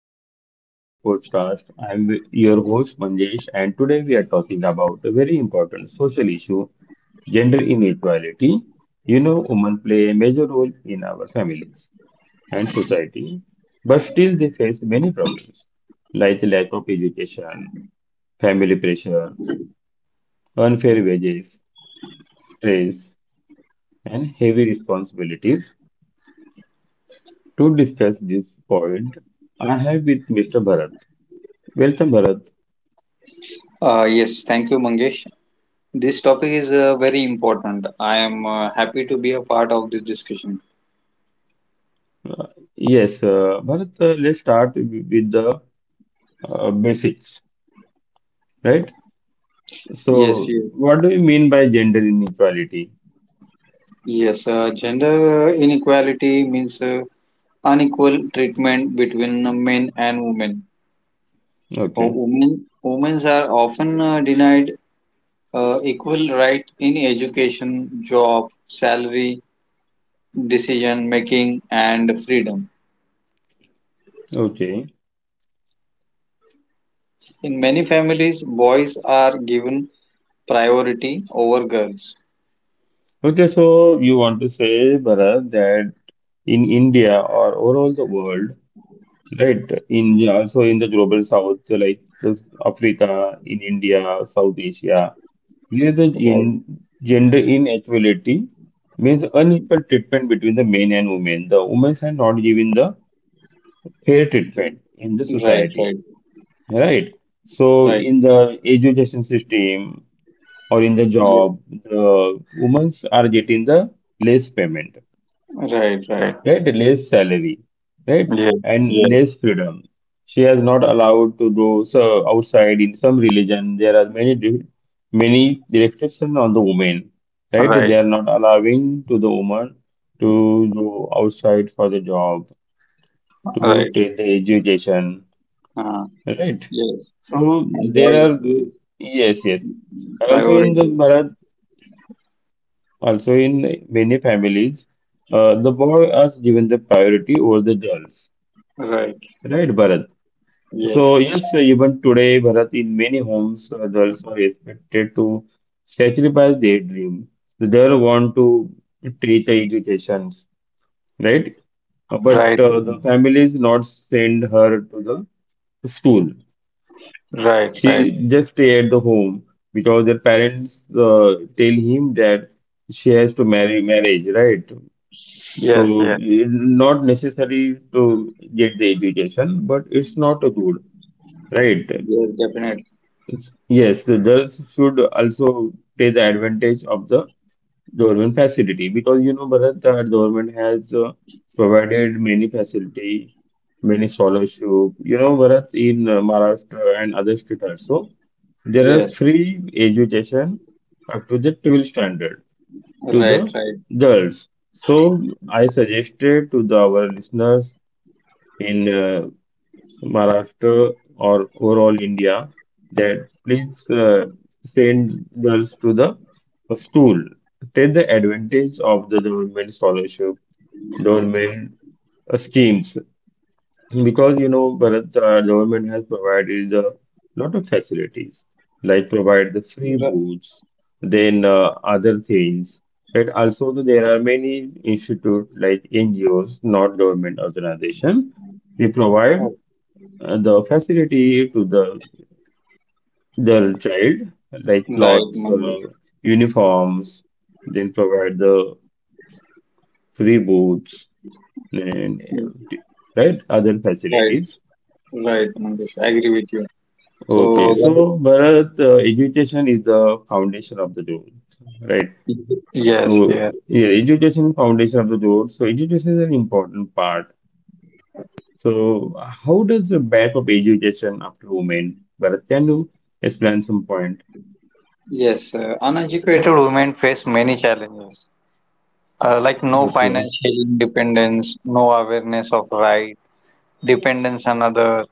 welcome to today's podcast. I'm your host Manjesh, and today we are talking about a very important social issue gender inequality. You know, women play a major role in our families and society, but still they face many problems like lack of education, family pressure, unfair wages, stress, and heavy responsibilities. To discuss this point, I have with Mr. Bharat. Welcome, Bharat. Yes, thank you, Mangesh. This topic is very important. I am happy to be a part of this discussion. Yes, Bharat, let's start with the basics, right? Yes, So, yes, what do you mean by gender inequality? yes. Gender inequality means unequal treatment between men and women. Uh, Okay, women, women are often denied equal right in education, job, salary, decision making, and freedom. okay, In many families, boys are given priority over girls. okay. So, you want to say, Bharat, that in India or overall the world, right? In also in the global south, like this Africa, in India, South Asia, there the Right. gender inequality means unequal treatment between the men and women. The women are not given the fair treatment in the Right, right, society, right? So, right. in the education system or in the Yeah. job, the women are getting the less payment, Right, right. right? Less salary, right? Yeah, And yeah. less freedom. She is not allowed to go so outside. In some religion, there are many many restrictions on the women, right? They Right, are not allowing to the woman to go outside for the job, to right. take the education, Uh, right? yes. So And there boys are, give yes. Also in the priority. Bharat, also in many families, the boy is given the priority over the girls, Right. right, Bharat? So Yes. yes, even today, Bharat, in many homes, girls are expected to sacrifice their dream. The girl want to teach the educations, right? But the families not send her to the school. She just stay at the home because their parents tell him that she has to marry marriage, right? So it's not necessary to get the education, but it's not good, right? Yes, definitely. Yes, the girls should also take the advantage of the government facility because you know, Bharat, the government has provided many facility, many scholarship. You know, Bharat, in Maharashtra and other states also there are Yes. free education project will standard to the Right, right. girls. So I suggested to the, our listeners in Maharashtra or overall India that please send girls to the school. Take the advantage of the government scholarship, government schemes because you know, Bharat, the government has provided a lot of facilities, like provide the free Ri- booths, then other things. It also there are many institute like NGOs, not government organization. They provide oh, the facility to the child, like right, clothes, Mangesh. Uniforms, then provide the free boots and right other Right, facilities. right, Mangesh. I agree with you. Okay, So, so Bharat, education is the foundation of the growth, right? Yes, So, yes. yeah, education foundation of the growth. So, education is an important part. So, how does the back of education up to women? Bharat, can you explain some point? Yes, uneducated women face many challenges, like no Okay, financial independence, no awareness of right, dependence on others,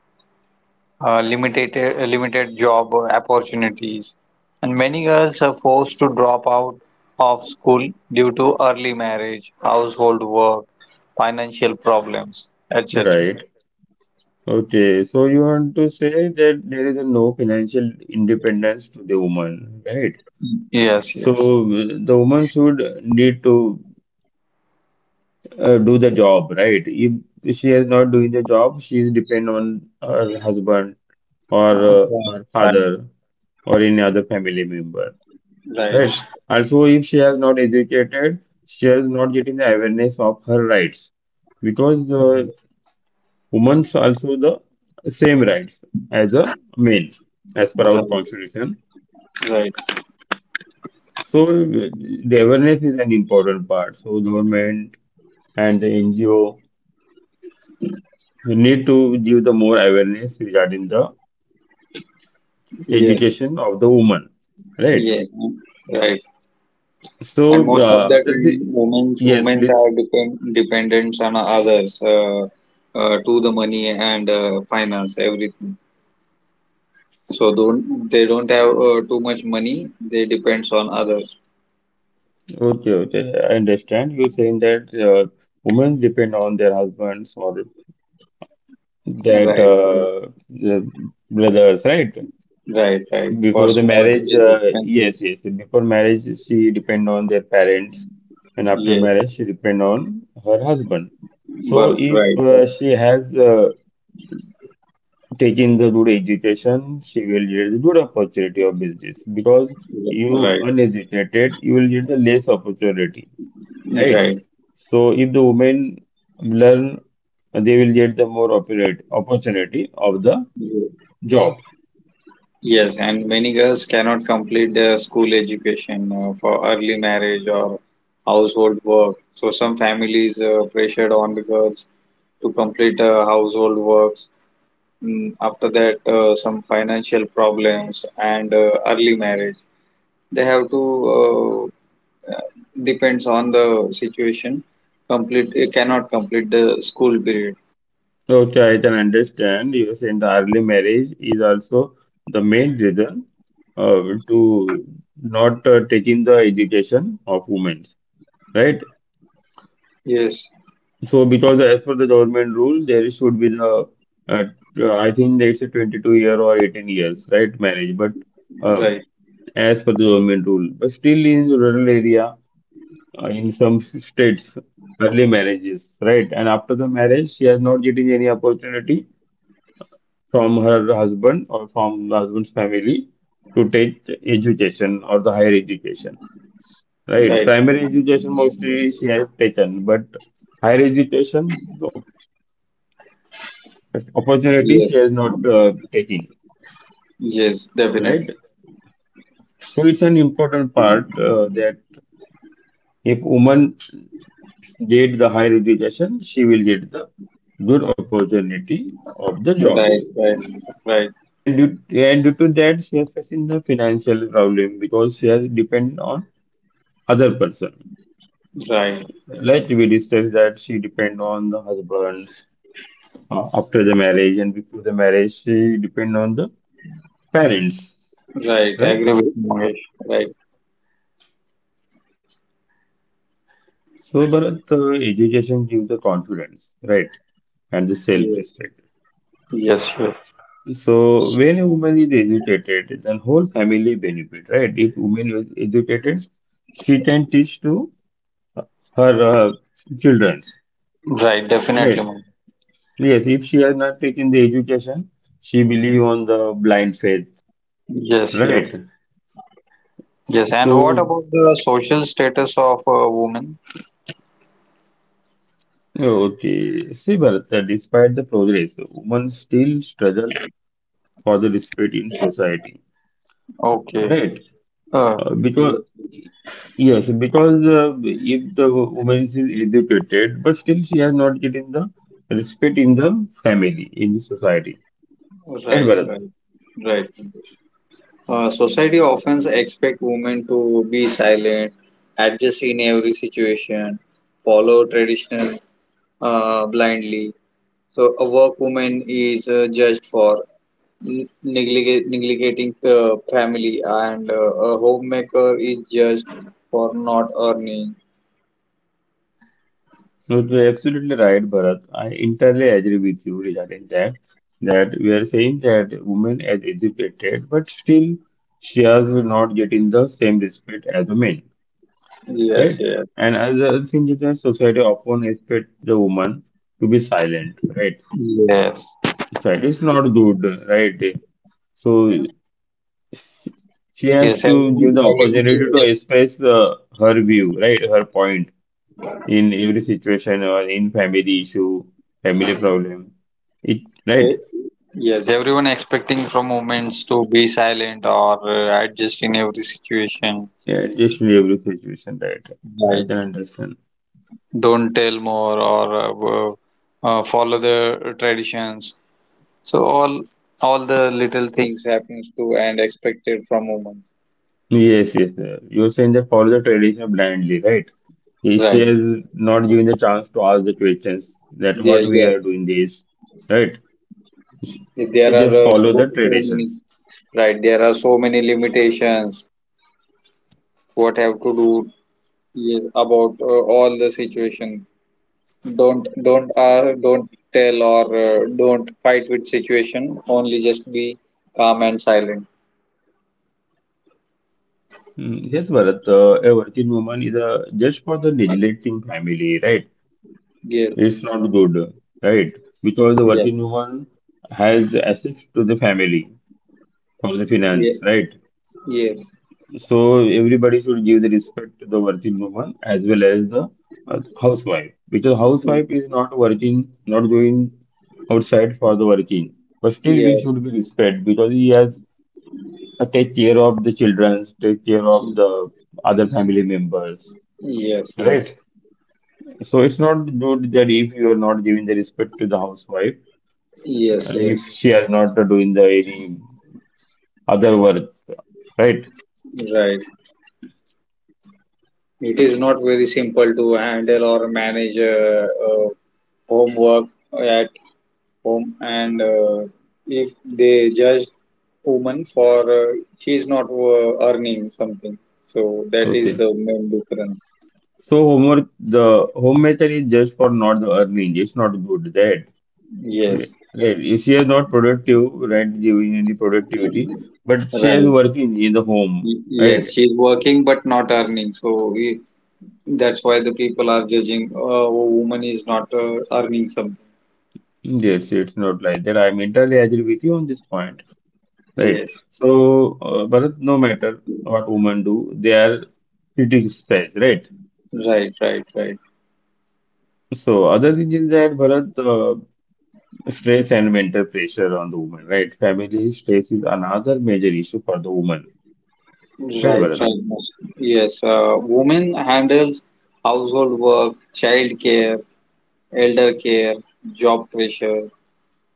limited job opportunities, and many girls are forced to drop out of school due to early marriage, household work, financial problems, etc. right. Okay, so you want to say that there is a no financial independence to the woman, right? Yes, So, yes. The woman should need to do the job, right? If she is not doing the job, she is depend on her husband or Uh, her father or any other family member, Right, right? Also, if she has not educated, she has not getting the awareness of her rights because women also the same rights as a men as per our right, constitution. right, right. So the awareness is an important part. So government and the NGO need to give the more awareness regarding the Yes, education of the woman, right? yes, right. And So, most of the uh, there's time, a- women's yes, women's please. are dependent on others, to the money and finance everything. So don't they don't have too much money. They depends on others. Okay, okay. I understand you saying that women depend on their husbands or that Right, right, the brothers, right? right, right. For Before the small to marriage, big uh, yes, expenses. yes. Before marriage, she depend on their parents, and after Yes, marriage, she depend on her husband. but So, if right, right, she has taking the good education, she will get the good opportunity of business because yes, you right, uneducated, you will get the less opportunity, right? right. So if the women learn, they will get the more opportunity of the Ye- job. Yes, and many girls cannot complete their school education for early marriage or household work. So some families pressured on the girls to complete household works. After that, some financial problems and early marriage. They have to uh, depends on the situation, complete it, cannot complete the school period. So okay, I can understand you are saying the early marriage is also the main reason uh, to not taking the education of women, right? Yes, So because as per the government rule, there should be the uh, I think it's a 22 year or 18 years, right, marriage. But uh, right, as per the government rule, but still in rural area, in some states, early marriages, right? And after the marriage, she has not getting any opportunity from her husband or from the husband's family to take education or the higher education, right? right, right. Primary education mostly she has taken, but higher education. But opportunities she Yes, has not taken, yes, definitely. right? So it's an important part that if woman get the higher education, she will get the good opportunity of the jobs. Right, right, right, And due to that, she has facing the financial problem because she has depend on other person. right, Like we discussed that she depend on the husband after the marriage and before the marriage, she depend on the parents, right. I right? agree with you, Mangesh. Right, So, Bharat, education gives the confidence, right, and the yes, self-respect. yes, yes. So, when a woman is educated, then whole family benefit, right? If woman is educated, she can teach to her children, Right, definitely, right? Mangesh. Yes, if she has not taken the education, she believe on the blind faith, Yes, yes, right? yes. And what So, about the social status of a woman? okay, see, Bharat, despite the progress, women still struggle for the respect in society, Okay. right? uh, Because yes, yes. yes, because if the woman is educated, but still she has not getting the respect in the family, in the society. Right, Right, Bharat? right, right. Society often expect women to be silent, adjust in every situation, follow traditional blindly. So a work woman is judged for neglecting family, and a homemaker is judged for not earning. No, you are absolutely right, Bharat. I entirely agree with you regarding that. That we are saying that women as educated, but still she has not getting the same respect as a man, Yes, right? yes, And other thing is that society often expect the woman to be silent, right? yes, That is not good, right? So she has yes. to give the opportunity to express the her view, right? Her point in every situation or in family issue, family problem. It Eh, right? yes, everyone expecting from women to be silent or adjust in every situation. Yeah, just in every situation, right? I Right. can understand. Don't tell more or follow the traditions, so all the little things happens to and expected from women. Yes, yes. You're saying that follow the tradition blindly, right? If She Right, has not given the chance to ask the questions that yeah, what we are yes. doing this, right? She, There she are just so, follow the so many. traditions. Right, there are so many limitations. What have to do. Yes, about all the situation. Don't tell or don't fight with situation, only just be calm and silent. Yes, Bharat, a working woman is a, just for the neglecting family, right? Yes, It's not good, right? Because the yes, working woman has access to the family for the finance, right? yes, So everybody should give the respect to the working woman as well as the housewife. Because yes. housewife is not working, not going outside for the working. But still we Yes. should be respect because he has to take care of the children, take care of Mm. the other family members, Yes, right? yes, So it's not good that if you are not giving the respect to the housewife, yes, yes. if she has not doing the any other work, right? Right. It is not very simple to handle or manage homework at home, and if they judge woman for she is not earning something, so that is Okay. the main difference. So homework, the home method is just for not the earning. It's not good, right? Right. Yes, If she is not productive, right, giving any productivity, but she is right. working in the home, right? Yes, she's working but not earning. So, that's why the people are judging. A woman is not earning something. Yes, it's not like that. I mentally agree with you on this point, right? Yes. So, Bharat, no matter what women do, they are criticized, right? Right, right, right, So other thing is that Bharat stress and mental pressure on the woman, right? Family stress is another major issue for the woman. Right, right, Bharat? right. Yes, yes, women handles household work, child care, elder care, job pressure.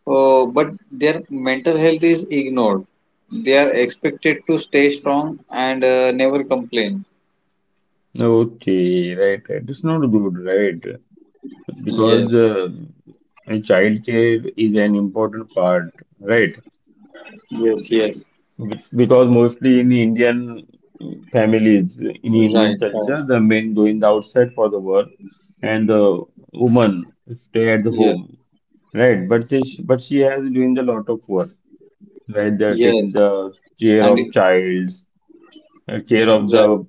But their mental health is ignored. They are expected to stay strong and never complain. Okay, right, right. It's not good, right? Because Yes, child care is an important part, right? yes, yes. Because mostly in Indian families, in Indian Right, right. culture, the men going outside for the work and the woman stay at the Yes, home, right? But she has doing a lot of work where they're taking yes. the care And of childs, care of right. the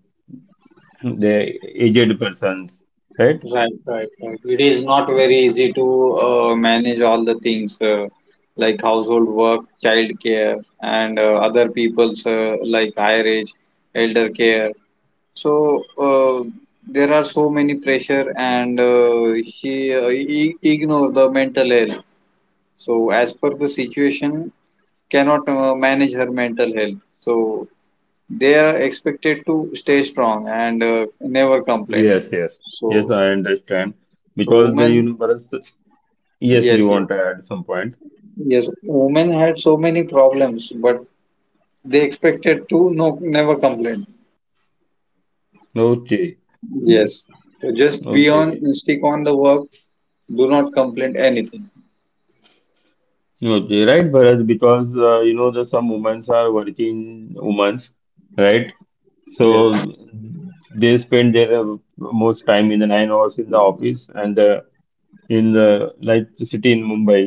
the aged persons, right? Right, right, right. It is not very easy to manage all the things like household work, child care, and other people's like higher age, elder care. So there are so many pressure, and he ignore the mental health. So as per the situation, cannot manage her mental health. So they are expected to stay strong and never complain. Yes, yes, So yes, I understand. so Because the women. universe, yes, Yes, you yes, want to add some point. yes. Women had so many problems, but they expected to, no, never complain. Okay, Yes. So just be on, okay, stick on the work. Do not complain anything. okay, right, Bharat? Because you know the some women are working women, right? Yes. So they spend their most time in the 9 hours in the office and in the like city in Mumbai.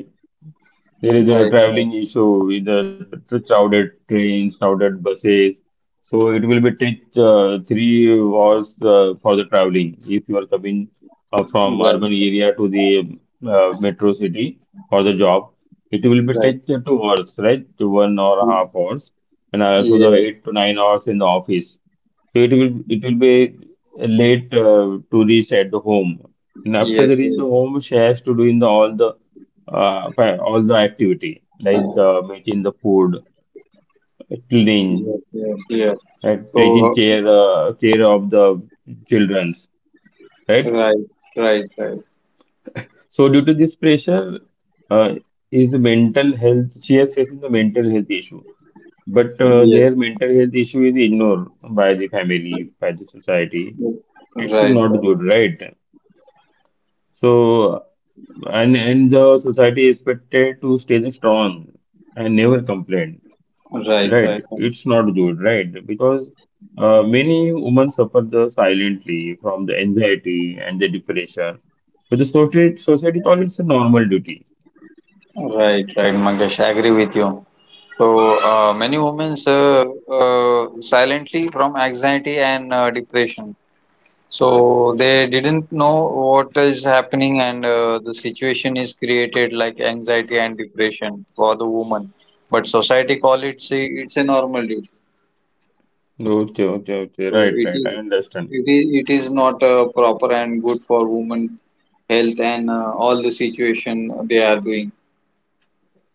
There is a Right. Right. traveling issue with the crowded trains, crowded buses. So it will be take 3 hours for the traveling if you are coming from urban Right. area to the metro city for the job. It will be Right. take 2 hours, right? To one or a half hours, and also the Yes. 8 to 9 hours in the office. So it will be late to reach at the home. And after Yes. they reach the home, she has to do in the all the for all the activity like the making the food, Yes. cleaning, Yes. Yes. Yes. right, taking So care care of the childrens, right? right. Right. Right. So due to this pressure, uh, is mental health. She is facing the mental health issue, but Yes. their mental health issue is ignored by the family, by the society. Yes. Right. It's Right. not good, right? So and the society is expected to stay strong and never complain. Right. Right. Right, Right. it's not good, right? Because many women suffer the silently from the anxiety and the depression. But the society calls it a normal duty. Right, right, Mangesh. I agree with you. So many women silently from anxiety and depression. So they didn't know what is happening, and the situation is created like anxiety and depression for the woman. But society call it, say it's a normal issue. Okay, okay, okay. So Right, it right. I is understand. it is it is not proper and good for women health and all the situation they are doing.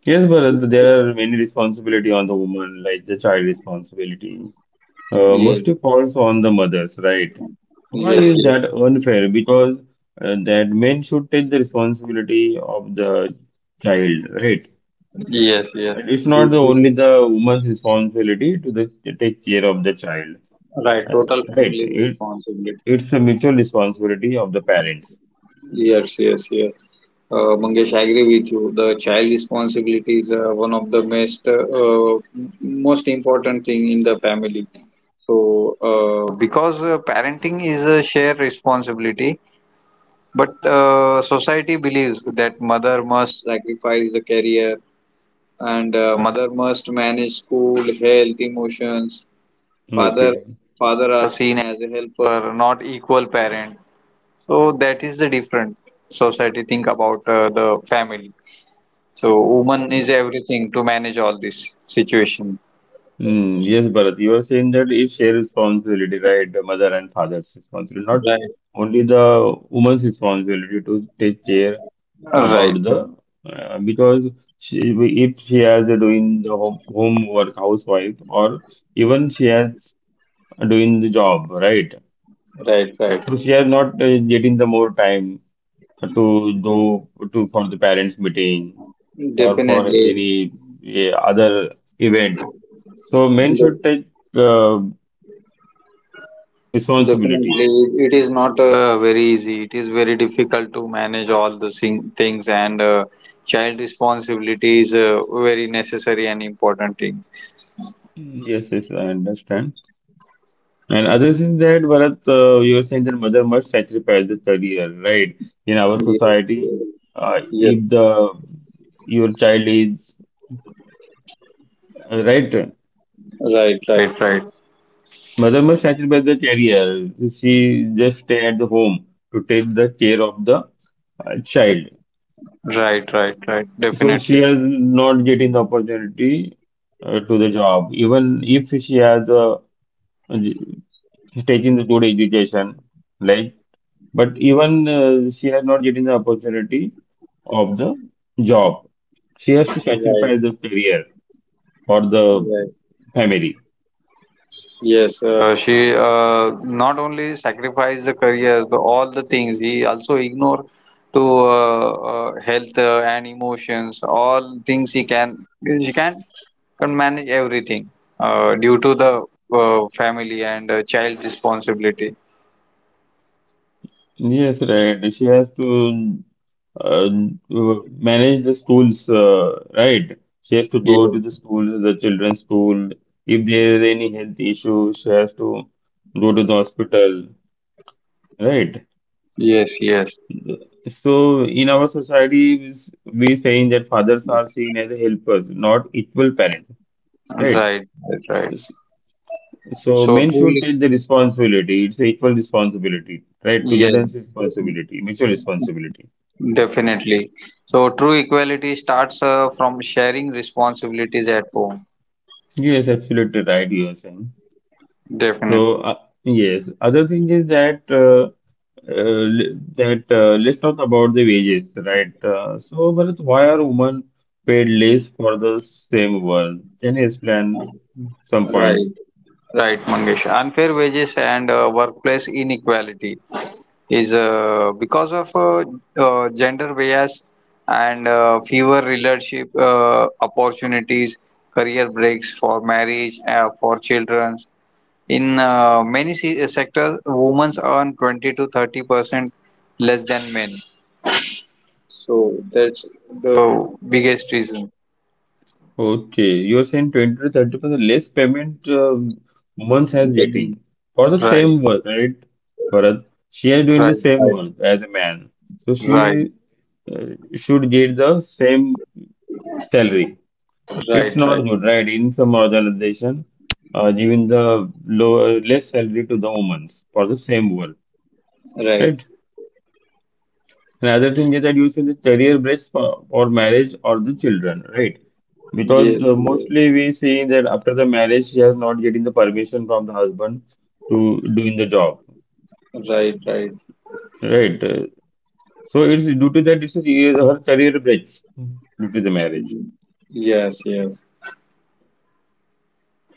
Yes, but there are many responsibility on the woman, like the child responsibility. Yes, Mostly falls on the mothers, right? Why yes, is yes, that unfair? Because that men should take the responsibility of the child, right? yes, yes. That it's not This, the this only the woman's responsibility to take care of the child. Right, Uh, total right? family It, responsibility. it's a mutual responsibility of the parents. Yes, yes, yes. Mangesh, I agree with you. The child responsibility is one of the most most important thing in the family. So, because parenting is a shared responsibility, but society believes that mother must sacrifice the career and mother must manage school, health, emotions. Father, Okay. father are seen as a helper, not equal parent. So that is the different society think about the family. So woman is everything to manage all this situation. Mm, yes, Bharat, you are saying that it's shared responsibility, right? The mother and father's responsibility, not Right, only the woman's responsibility to take care right, about the, because she, if she has doing the homework, housewife, or even she has doing the job, right? right, right. So she are not getting the more time to do to for the parents meeting or for Definitely, any other event. So men de- should take uh, responsibility. definitely, it is not very easy. It is very difficult to manage all the things, and child responsibility is a very necessary and important thing. Yes, yes, I understand. And other is that Bharat, you were saying that mother must sacrifice the career, right? In our Yes, society, yes, yes. if the your child is right. Right, right, right, Mother must snatched by the carrier. She just stay at the home to take the care of the child. right, right, right. So she Definitely, has not getting the opportunity to the job. Even if she has taking the good education, like, but even she has not getting the opportunity of the job. She has to sacrifice right, the career for the right. family. Yes, she not only sacrificed the career, all the things. He also ignored to health and emotions. All things he can she can manage everything due to the family and child responsibility. Yes, right. She has to manage the schools, right? She has to go to the Yes, school, the children's school. If there is any health issue, she has to go to the hospital, right? yes, yes. So in our society, we saying that fathers are seen as helpers, not equal parents, Right, right? right, right. S- So So men should truly, take the responsibility. It's a equal responsibility, right? yes, Togetherness responsibility, mutual responsibility. definitely. So true equality starts from sharing responsibilities at home. Yes, absolutely right, you are saying. Definitely. So, yes, other thing is that that let's talk about the wages, right? So, Bharat, why are women paid less for the same work? Can you explain some Right. points? Right, Mangesh. Unfair wages and workplace inequality is because of gender bias and fewer leadership opportunities, career breaks for marriage, for children. In many sectors, women earn 20 to 30% less than men. So that's the biggest reason. Okay, you're saying 20 to 30% less payment, women has Then- getting for the Right, same work, right? Bharat, she is doing the right, same work as a man, so she, right, uh, should get the same salary. It's right, not right, good, right? In some organization, giving the low, less salary to the women for the same work, right. right? Another thing is that you see the career breaks for marriage or the children, right? Because Yes, yes. mostly we see that after the marriage, she has not getting the permission from the husband to doing the job, Right, right. right? So it's due to that, it's a, her career breaks due to the marriage. Mhm. Yes, yes.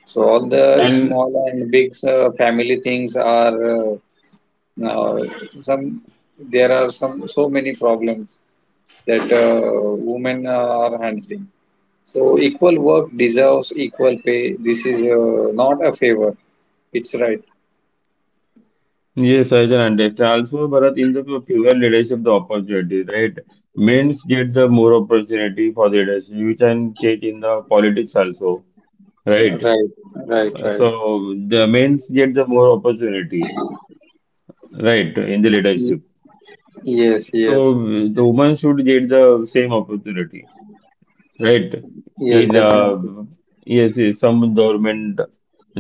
So all the And small and big family things are uh, now some. There are some so many problems that women are handling. So equal work deserves equal pay. This is not a favor. It's right. yes, I can understand. Also, Bharat, in the female leadership, the opportunity, right? Men's get the more opportunity for leadership. You can check in the politics also, right? Right, right, right. So the men's get the more opportunity, right, in the Y- leadership. Yes, So yes, the women should get the same opportunity. Right. yes, In definitely. Yes, yes, some government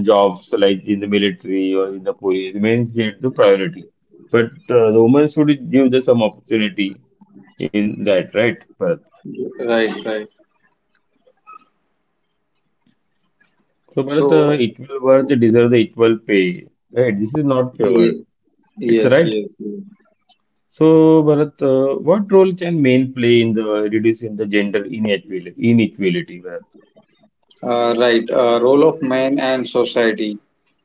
jobs like in the military or in the police men get the priority. But the women should give the some opportunity in that, right, Bharat? Right, right. So, Bharat, So, equal work deserve the equal pay, right? This is not favor. ye- It's yes, right. yes, yes. So, Bharat, what role can men play in the reducing the gender inequality? Inequality, Bharat. Right, role of men and society.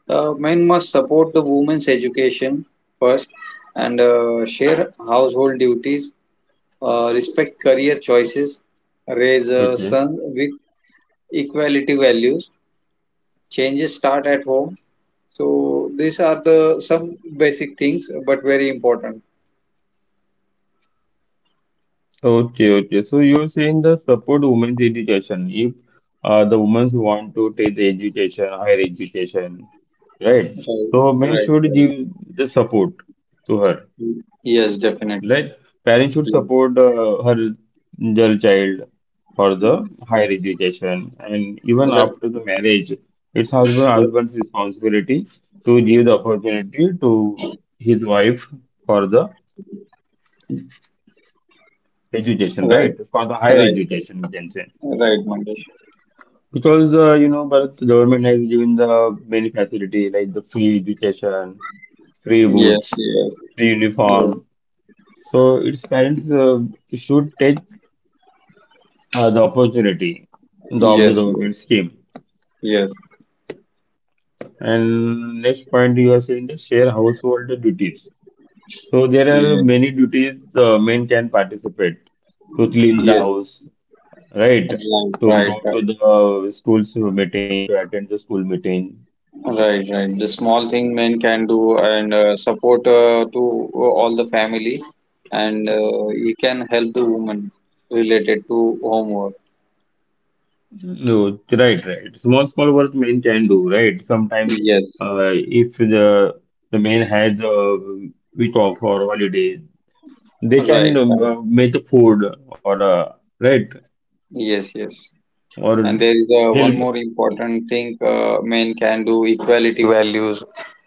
Men must support the women's education first and share household duties, respect career choices, raise Okay. sons with equality values. Changes start at home. So these are the some basic things, but very important. Okay, okay. So you're saying the support women's education if the women want to take the education, higher education, right? Right, So men right, should right. give the support to her. Yes, definitely. Like parents should Yes. support her their child for the higher education, and even Right, after the marriage, it's husband's responsibility to give the opportunity to his wife for the education, right, right? For the right, higher right, education, we can say. right, Mangesh. Because you know, but the government has given the many facility like the free education, free boots, Yes, yes, free yes. uniform. So its parents should take the opportunity of the Yes, government yes, scheme. yes, And next point you are saying the share household duties. So there are yes, many duties the men can participate to clean the yes. house, right? Right, To right, go to right, the school's meeting, to attend the school meeting. right, right. The small thing men can do and support to all the family, and he can help the woman related to homework. No, right, right. Small, small work men can do, right? Sometimes, Yes, if the man has a week off or holiday, they right, can right. Make a food or right Yes, yes. or And there is one help. more important thing men can do equality values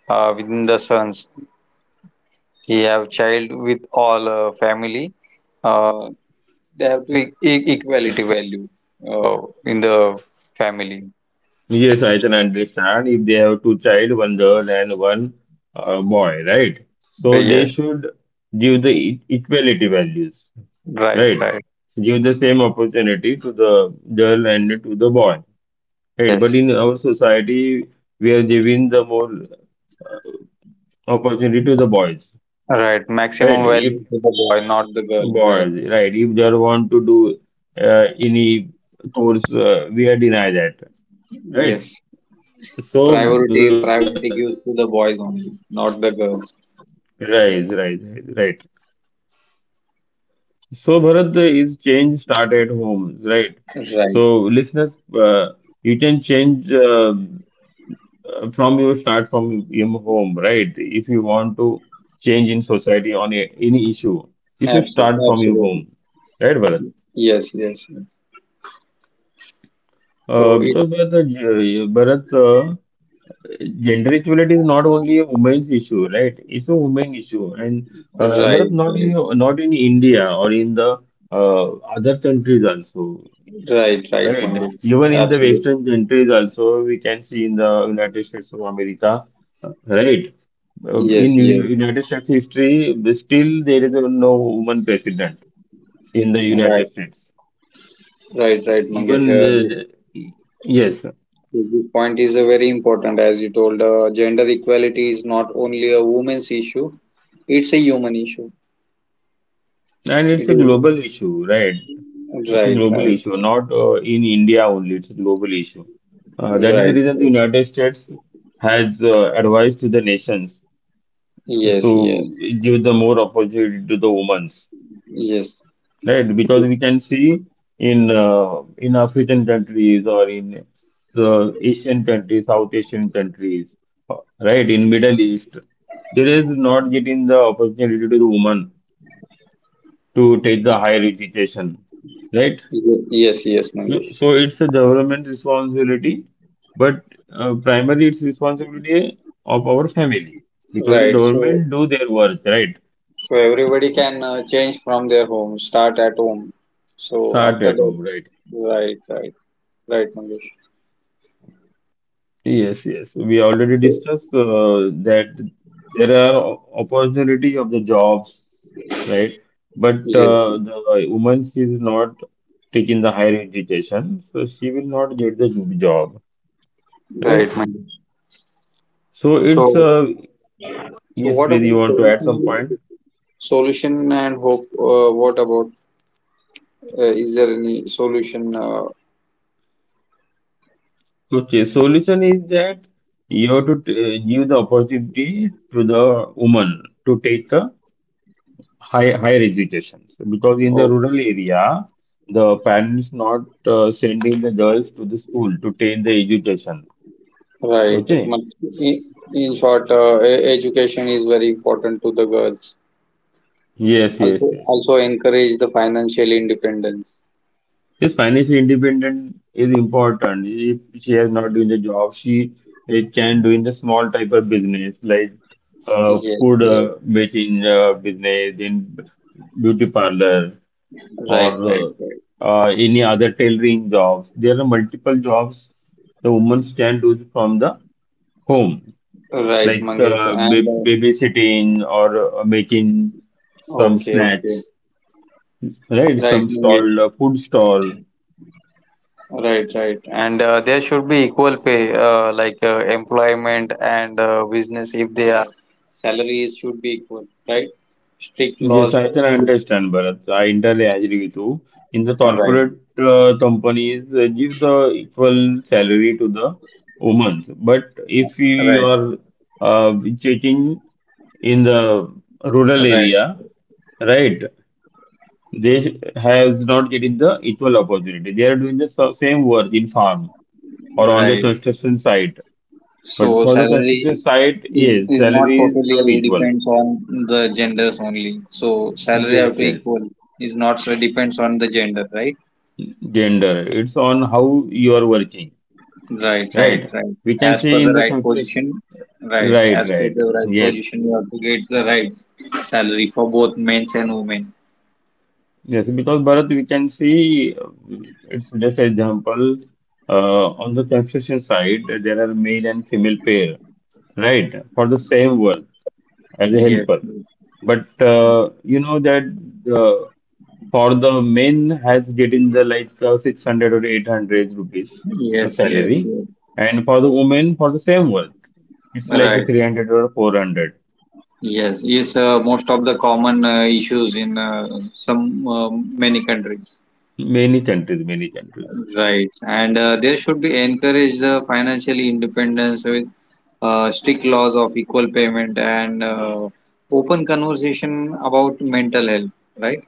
within the sons. He have child with all family. Uh, They have to equality value uh, in the family. Yes, I can understand if they have two child, one girl and one boy, right? So they Yes, should give the equality values, right, right? right. Give the same opportunity to the girl and to the boy. Right, but Yes, in our society, we are giving the more uh, opportunity to the boys, right. right? Maximum If value to the boy, not the girl. Right. boys, right, if they want to do any course, we are deny that, right? Yes. So, Priority uh, priority gives to the boys only, not the girls. right, right, right, right. So, Bharat, is change start at homes, right? Right. So, listeners, you can change. From you start from your home, right? If you want to change in society on any issue, you should Absolutely. start from your Absolutely. home, right, Bharat? Yes. Yes. Yes. So it. Because Bharat, gender equality is not only a women's issue, right? It's a women issue, and Right. Bharat, Right. Not in India or in the uh, other countries also, Right. Right, right? Mangesh. Even in the Western Absolutely. countries also, we can see in the United States of America, right? Yes. Yes. United States history, still there is no woman president in the United Right. States. Right. Right, Mangesh. Even This the, the- yes, Yes, this point is a very important, as you told. Gender equality is not only a woman's issue; it's a human issue. and it's It a is global issue, right? It's a Right, global right, issue, not in India only. It's a global issue. That is the right, reason the right. United States has advised to the nations to Yes, yes, give the more opportunity to the women, yes, right? Because yes, we can see in African countries or in the Asian countries, South Asian countries, right? In Middle East, there is not getting the opportunity to the woman to take the higher education, right? Yes, yes, So, Mangesh. so it's a government responsibility, but primarily it's responsibility of our family because the Right. So, government do their work, right? so everybody can change from their home. Start at home. So Start after at home, that, right? right, right, right, Mangesh. Yes, yes. We already So discussed that there are opportunity of the jobs, right? But yes, the woman is not taking the higher education, so she will not get the job, right, right? Mangesh. So So, it's so yes, what please. You about want to add some solution? point? Solution and hope. What about? Is there any solution? Okay. Solution is that you have to give the opportunity to the woman to take the higher educations because in the Hope. rural area the parents not sending the girls to the school to take the education, Right. okay. In short, education is very important to the girls. Yes, Also, yes, yes, also yes, encourage the financial independence. yes, financial independent is important. If she has not doing the job, she, it can do in the small type of business like Yes. food Yes. Making business in beauty parlor or Right. Right. Right. Any other tailoring jobs. There are multiple jobs the women can do from the home, Right, like Mangesh. And babysitting or making some okay. snacks, Okay. right? Right, Some stall, Mangesh. Food stall. Right, right. And there should be equal pay, like employment and business, if they are salaries should be equal, right? Strict Yes, laws I for can school. understand, Bharat. I entirely agree with you. In the Right, corporate companies, give the equal salary to the women. But if you right, are uh, checking in the rural right, area, right? They has not getting the equal opportunity. They are doing the same work in farm or on the right. construction site, but So for the construction salary site, is, yes, is not salary is not totally equal. depends on the genders only. So salary have Yes, to yes. equal is not so depends on the gender, right? Gender. It's on how you are working, Right, right, right? right. We can As per see in the the right construction. position, right. Right, As per right. the right Yes, position, you have to get the right salary for both men's and women. yes. Because Bharat, we can see, it's just example. On the construction side, there are male and female pair, right, for the same work as a Yes, helper. But you know that uh, for the men has getting the like 600 or 800 rupees the yes, yes, salary, yes. and for the women for the same work, it's like a Right. 300 or 400. Yes, it's most of the common issues in some many countries. Many countries, many countries. Right, and there should be encourage the financial independence with strict laws of equal payment and open conversation about mental health. Right.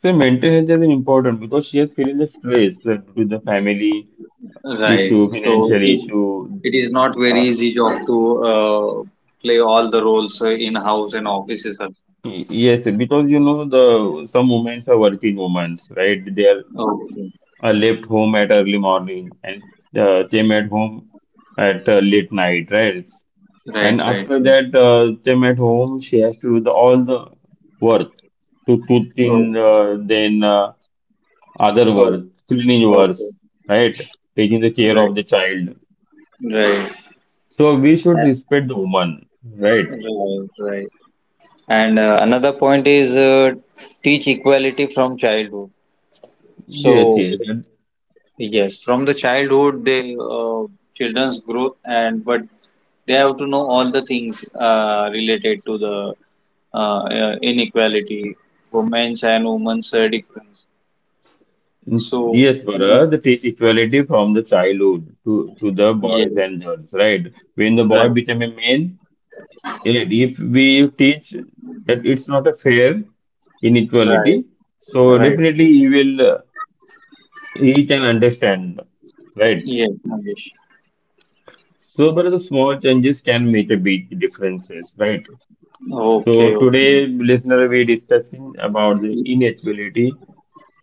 So mental health is important because she is feeling the stress that with the family Right. issue, So financial it issue. it is not very Uh, easy job to play all the roles in house and offices. Yes, because you know the some women are working women, right? They are, Okay. I left home at early morning and came at home at late night, right? Right. And Right. after that, Right. Came at home, she has to do the, all the work, to Oh. toothing, then other work, cleaning Oh. works, Okay. right? Taking the care Right. of the child. Right. So we should Uh, respect the woman, right? Right. Right. And another point is teach equality from childhood. Yes, So yes. And, yes, from the childhood, they children's growth and but they have to know all the things related to the inequality, women's difference. So, yes, yeah, Bharat, they teach equality from the childhood to the boys yes, and girls, right? When the boy right, became a man, and if we teach that it's not a fair right, inequality, so right. definitely he will, he can understand, right? Yes, Mangesh. So, but the small changes can make a big differences, right? Okay, So okay. today, listener, we discussing about the Y- inequality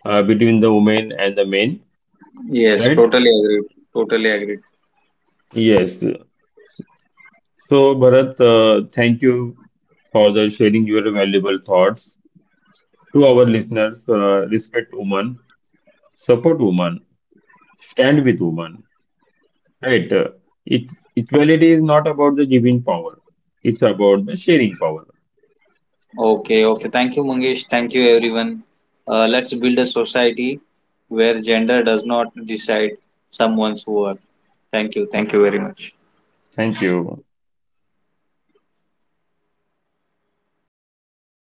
between the women and the men, Yes, right? totally agreed. Totally agreed. Yes. So, Bharat, thank you for the sharing your valuable thoughts to our listeners. Respect women, support women, stand with women, right? It, Equality is not about the giving power, it's about the sharing power. Okay, okay. Thank you, Mangesh. Thank you, everyone. Let's build a society where gender does not decide someone's worth. Thank you. Thank you very much. Thank you.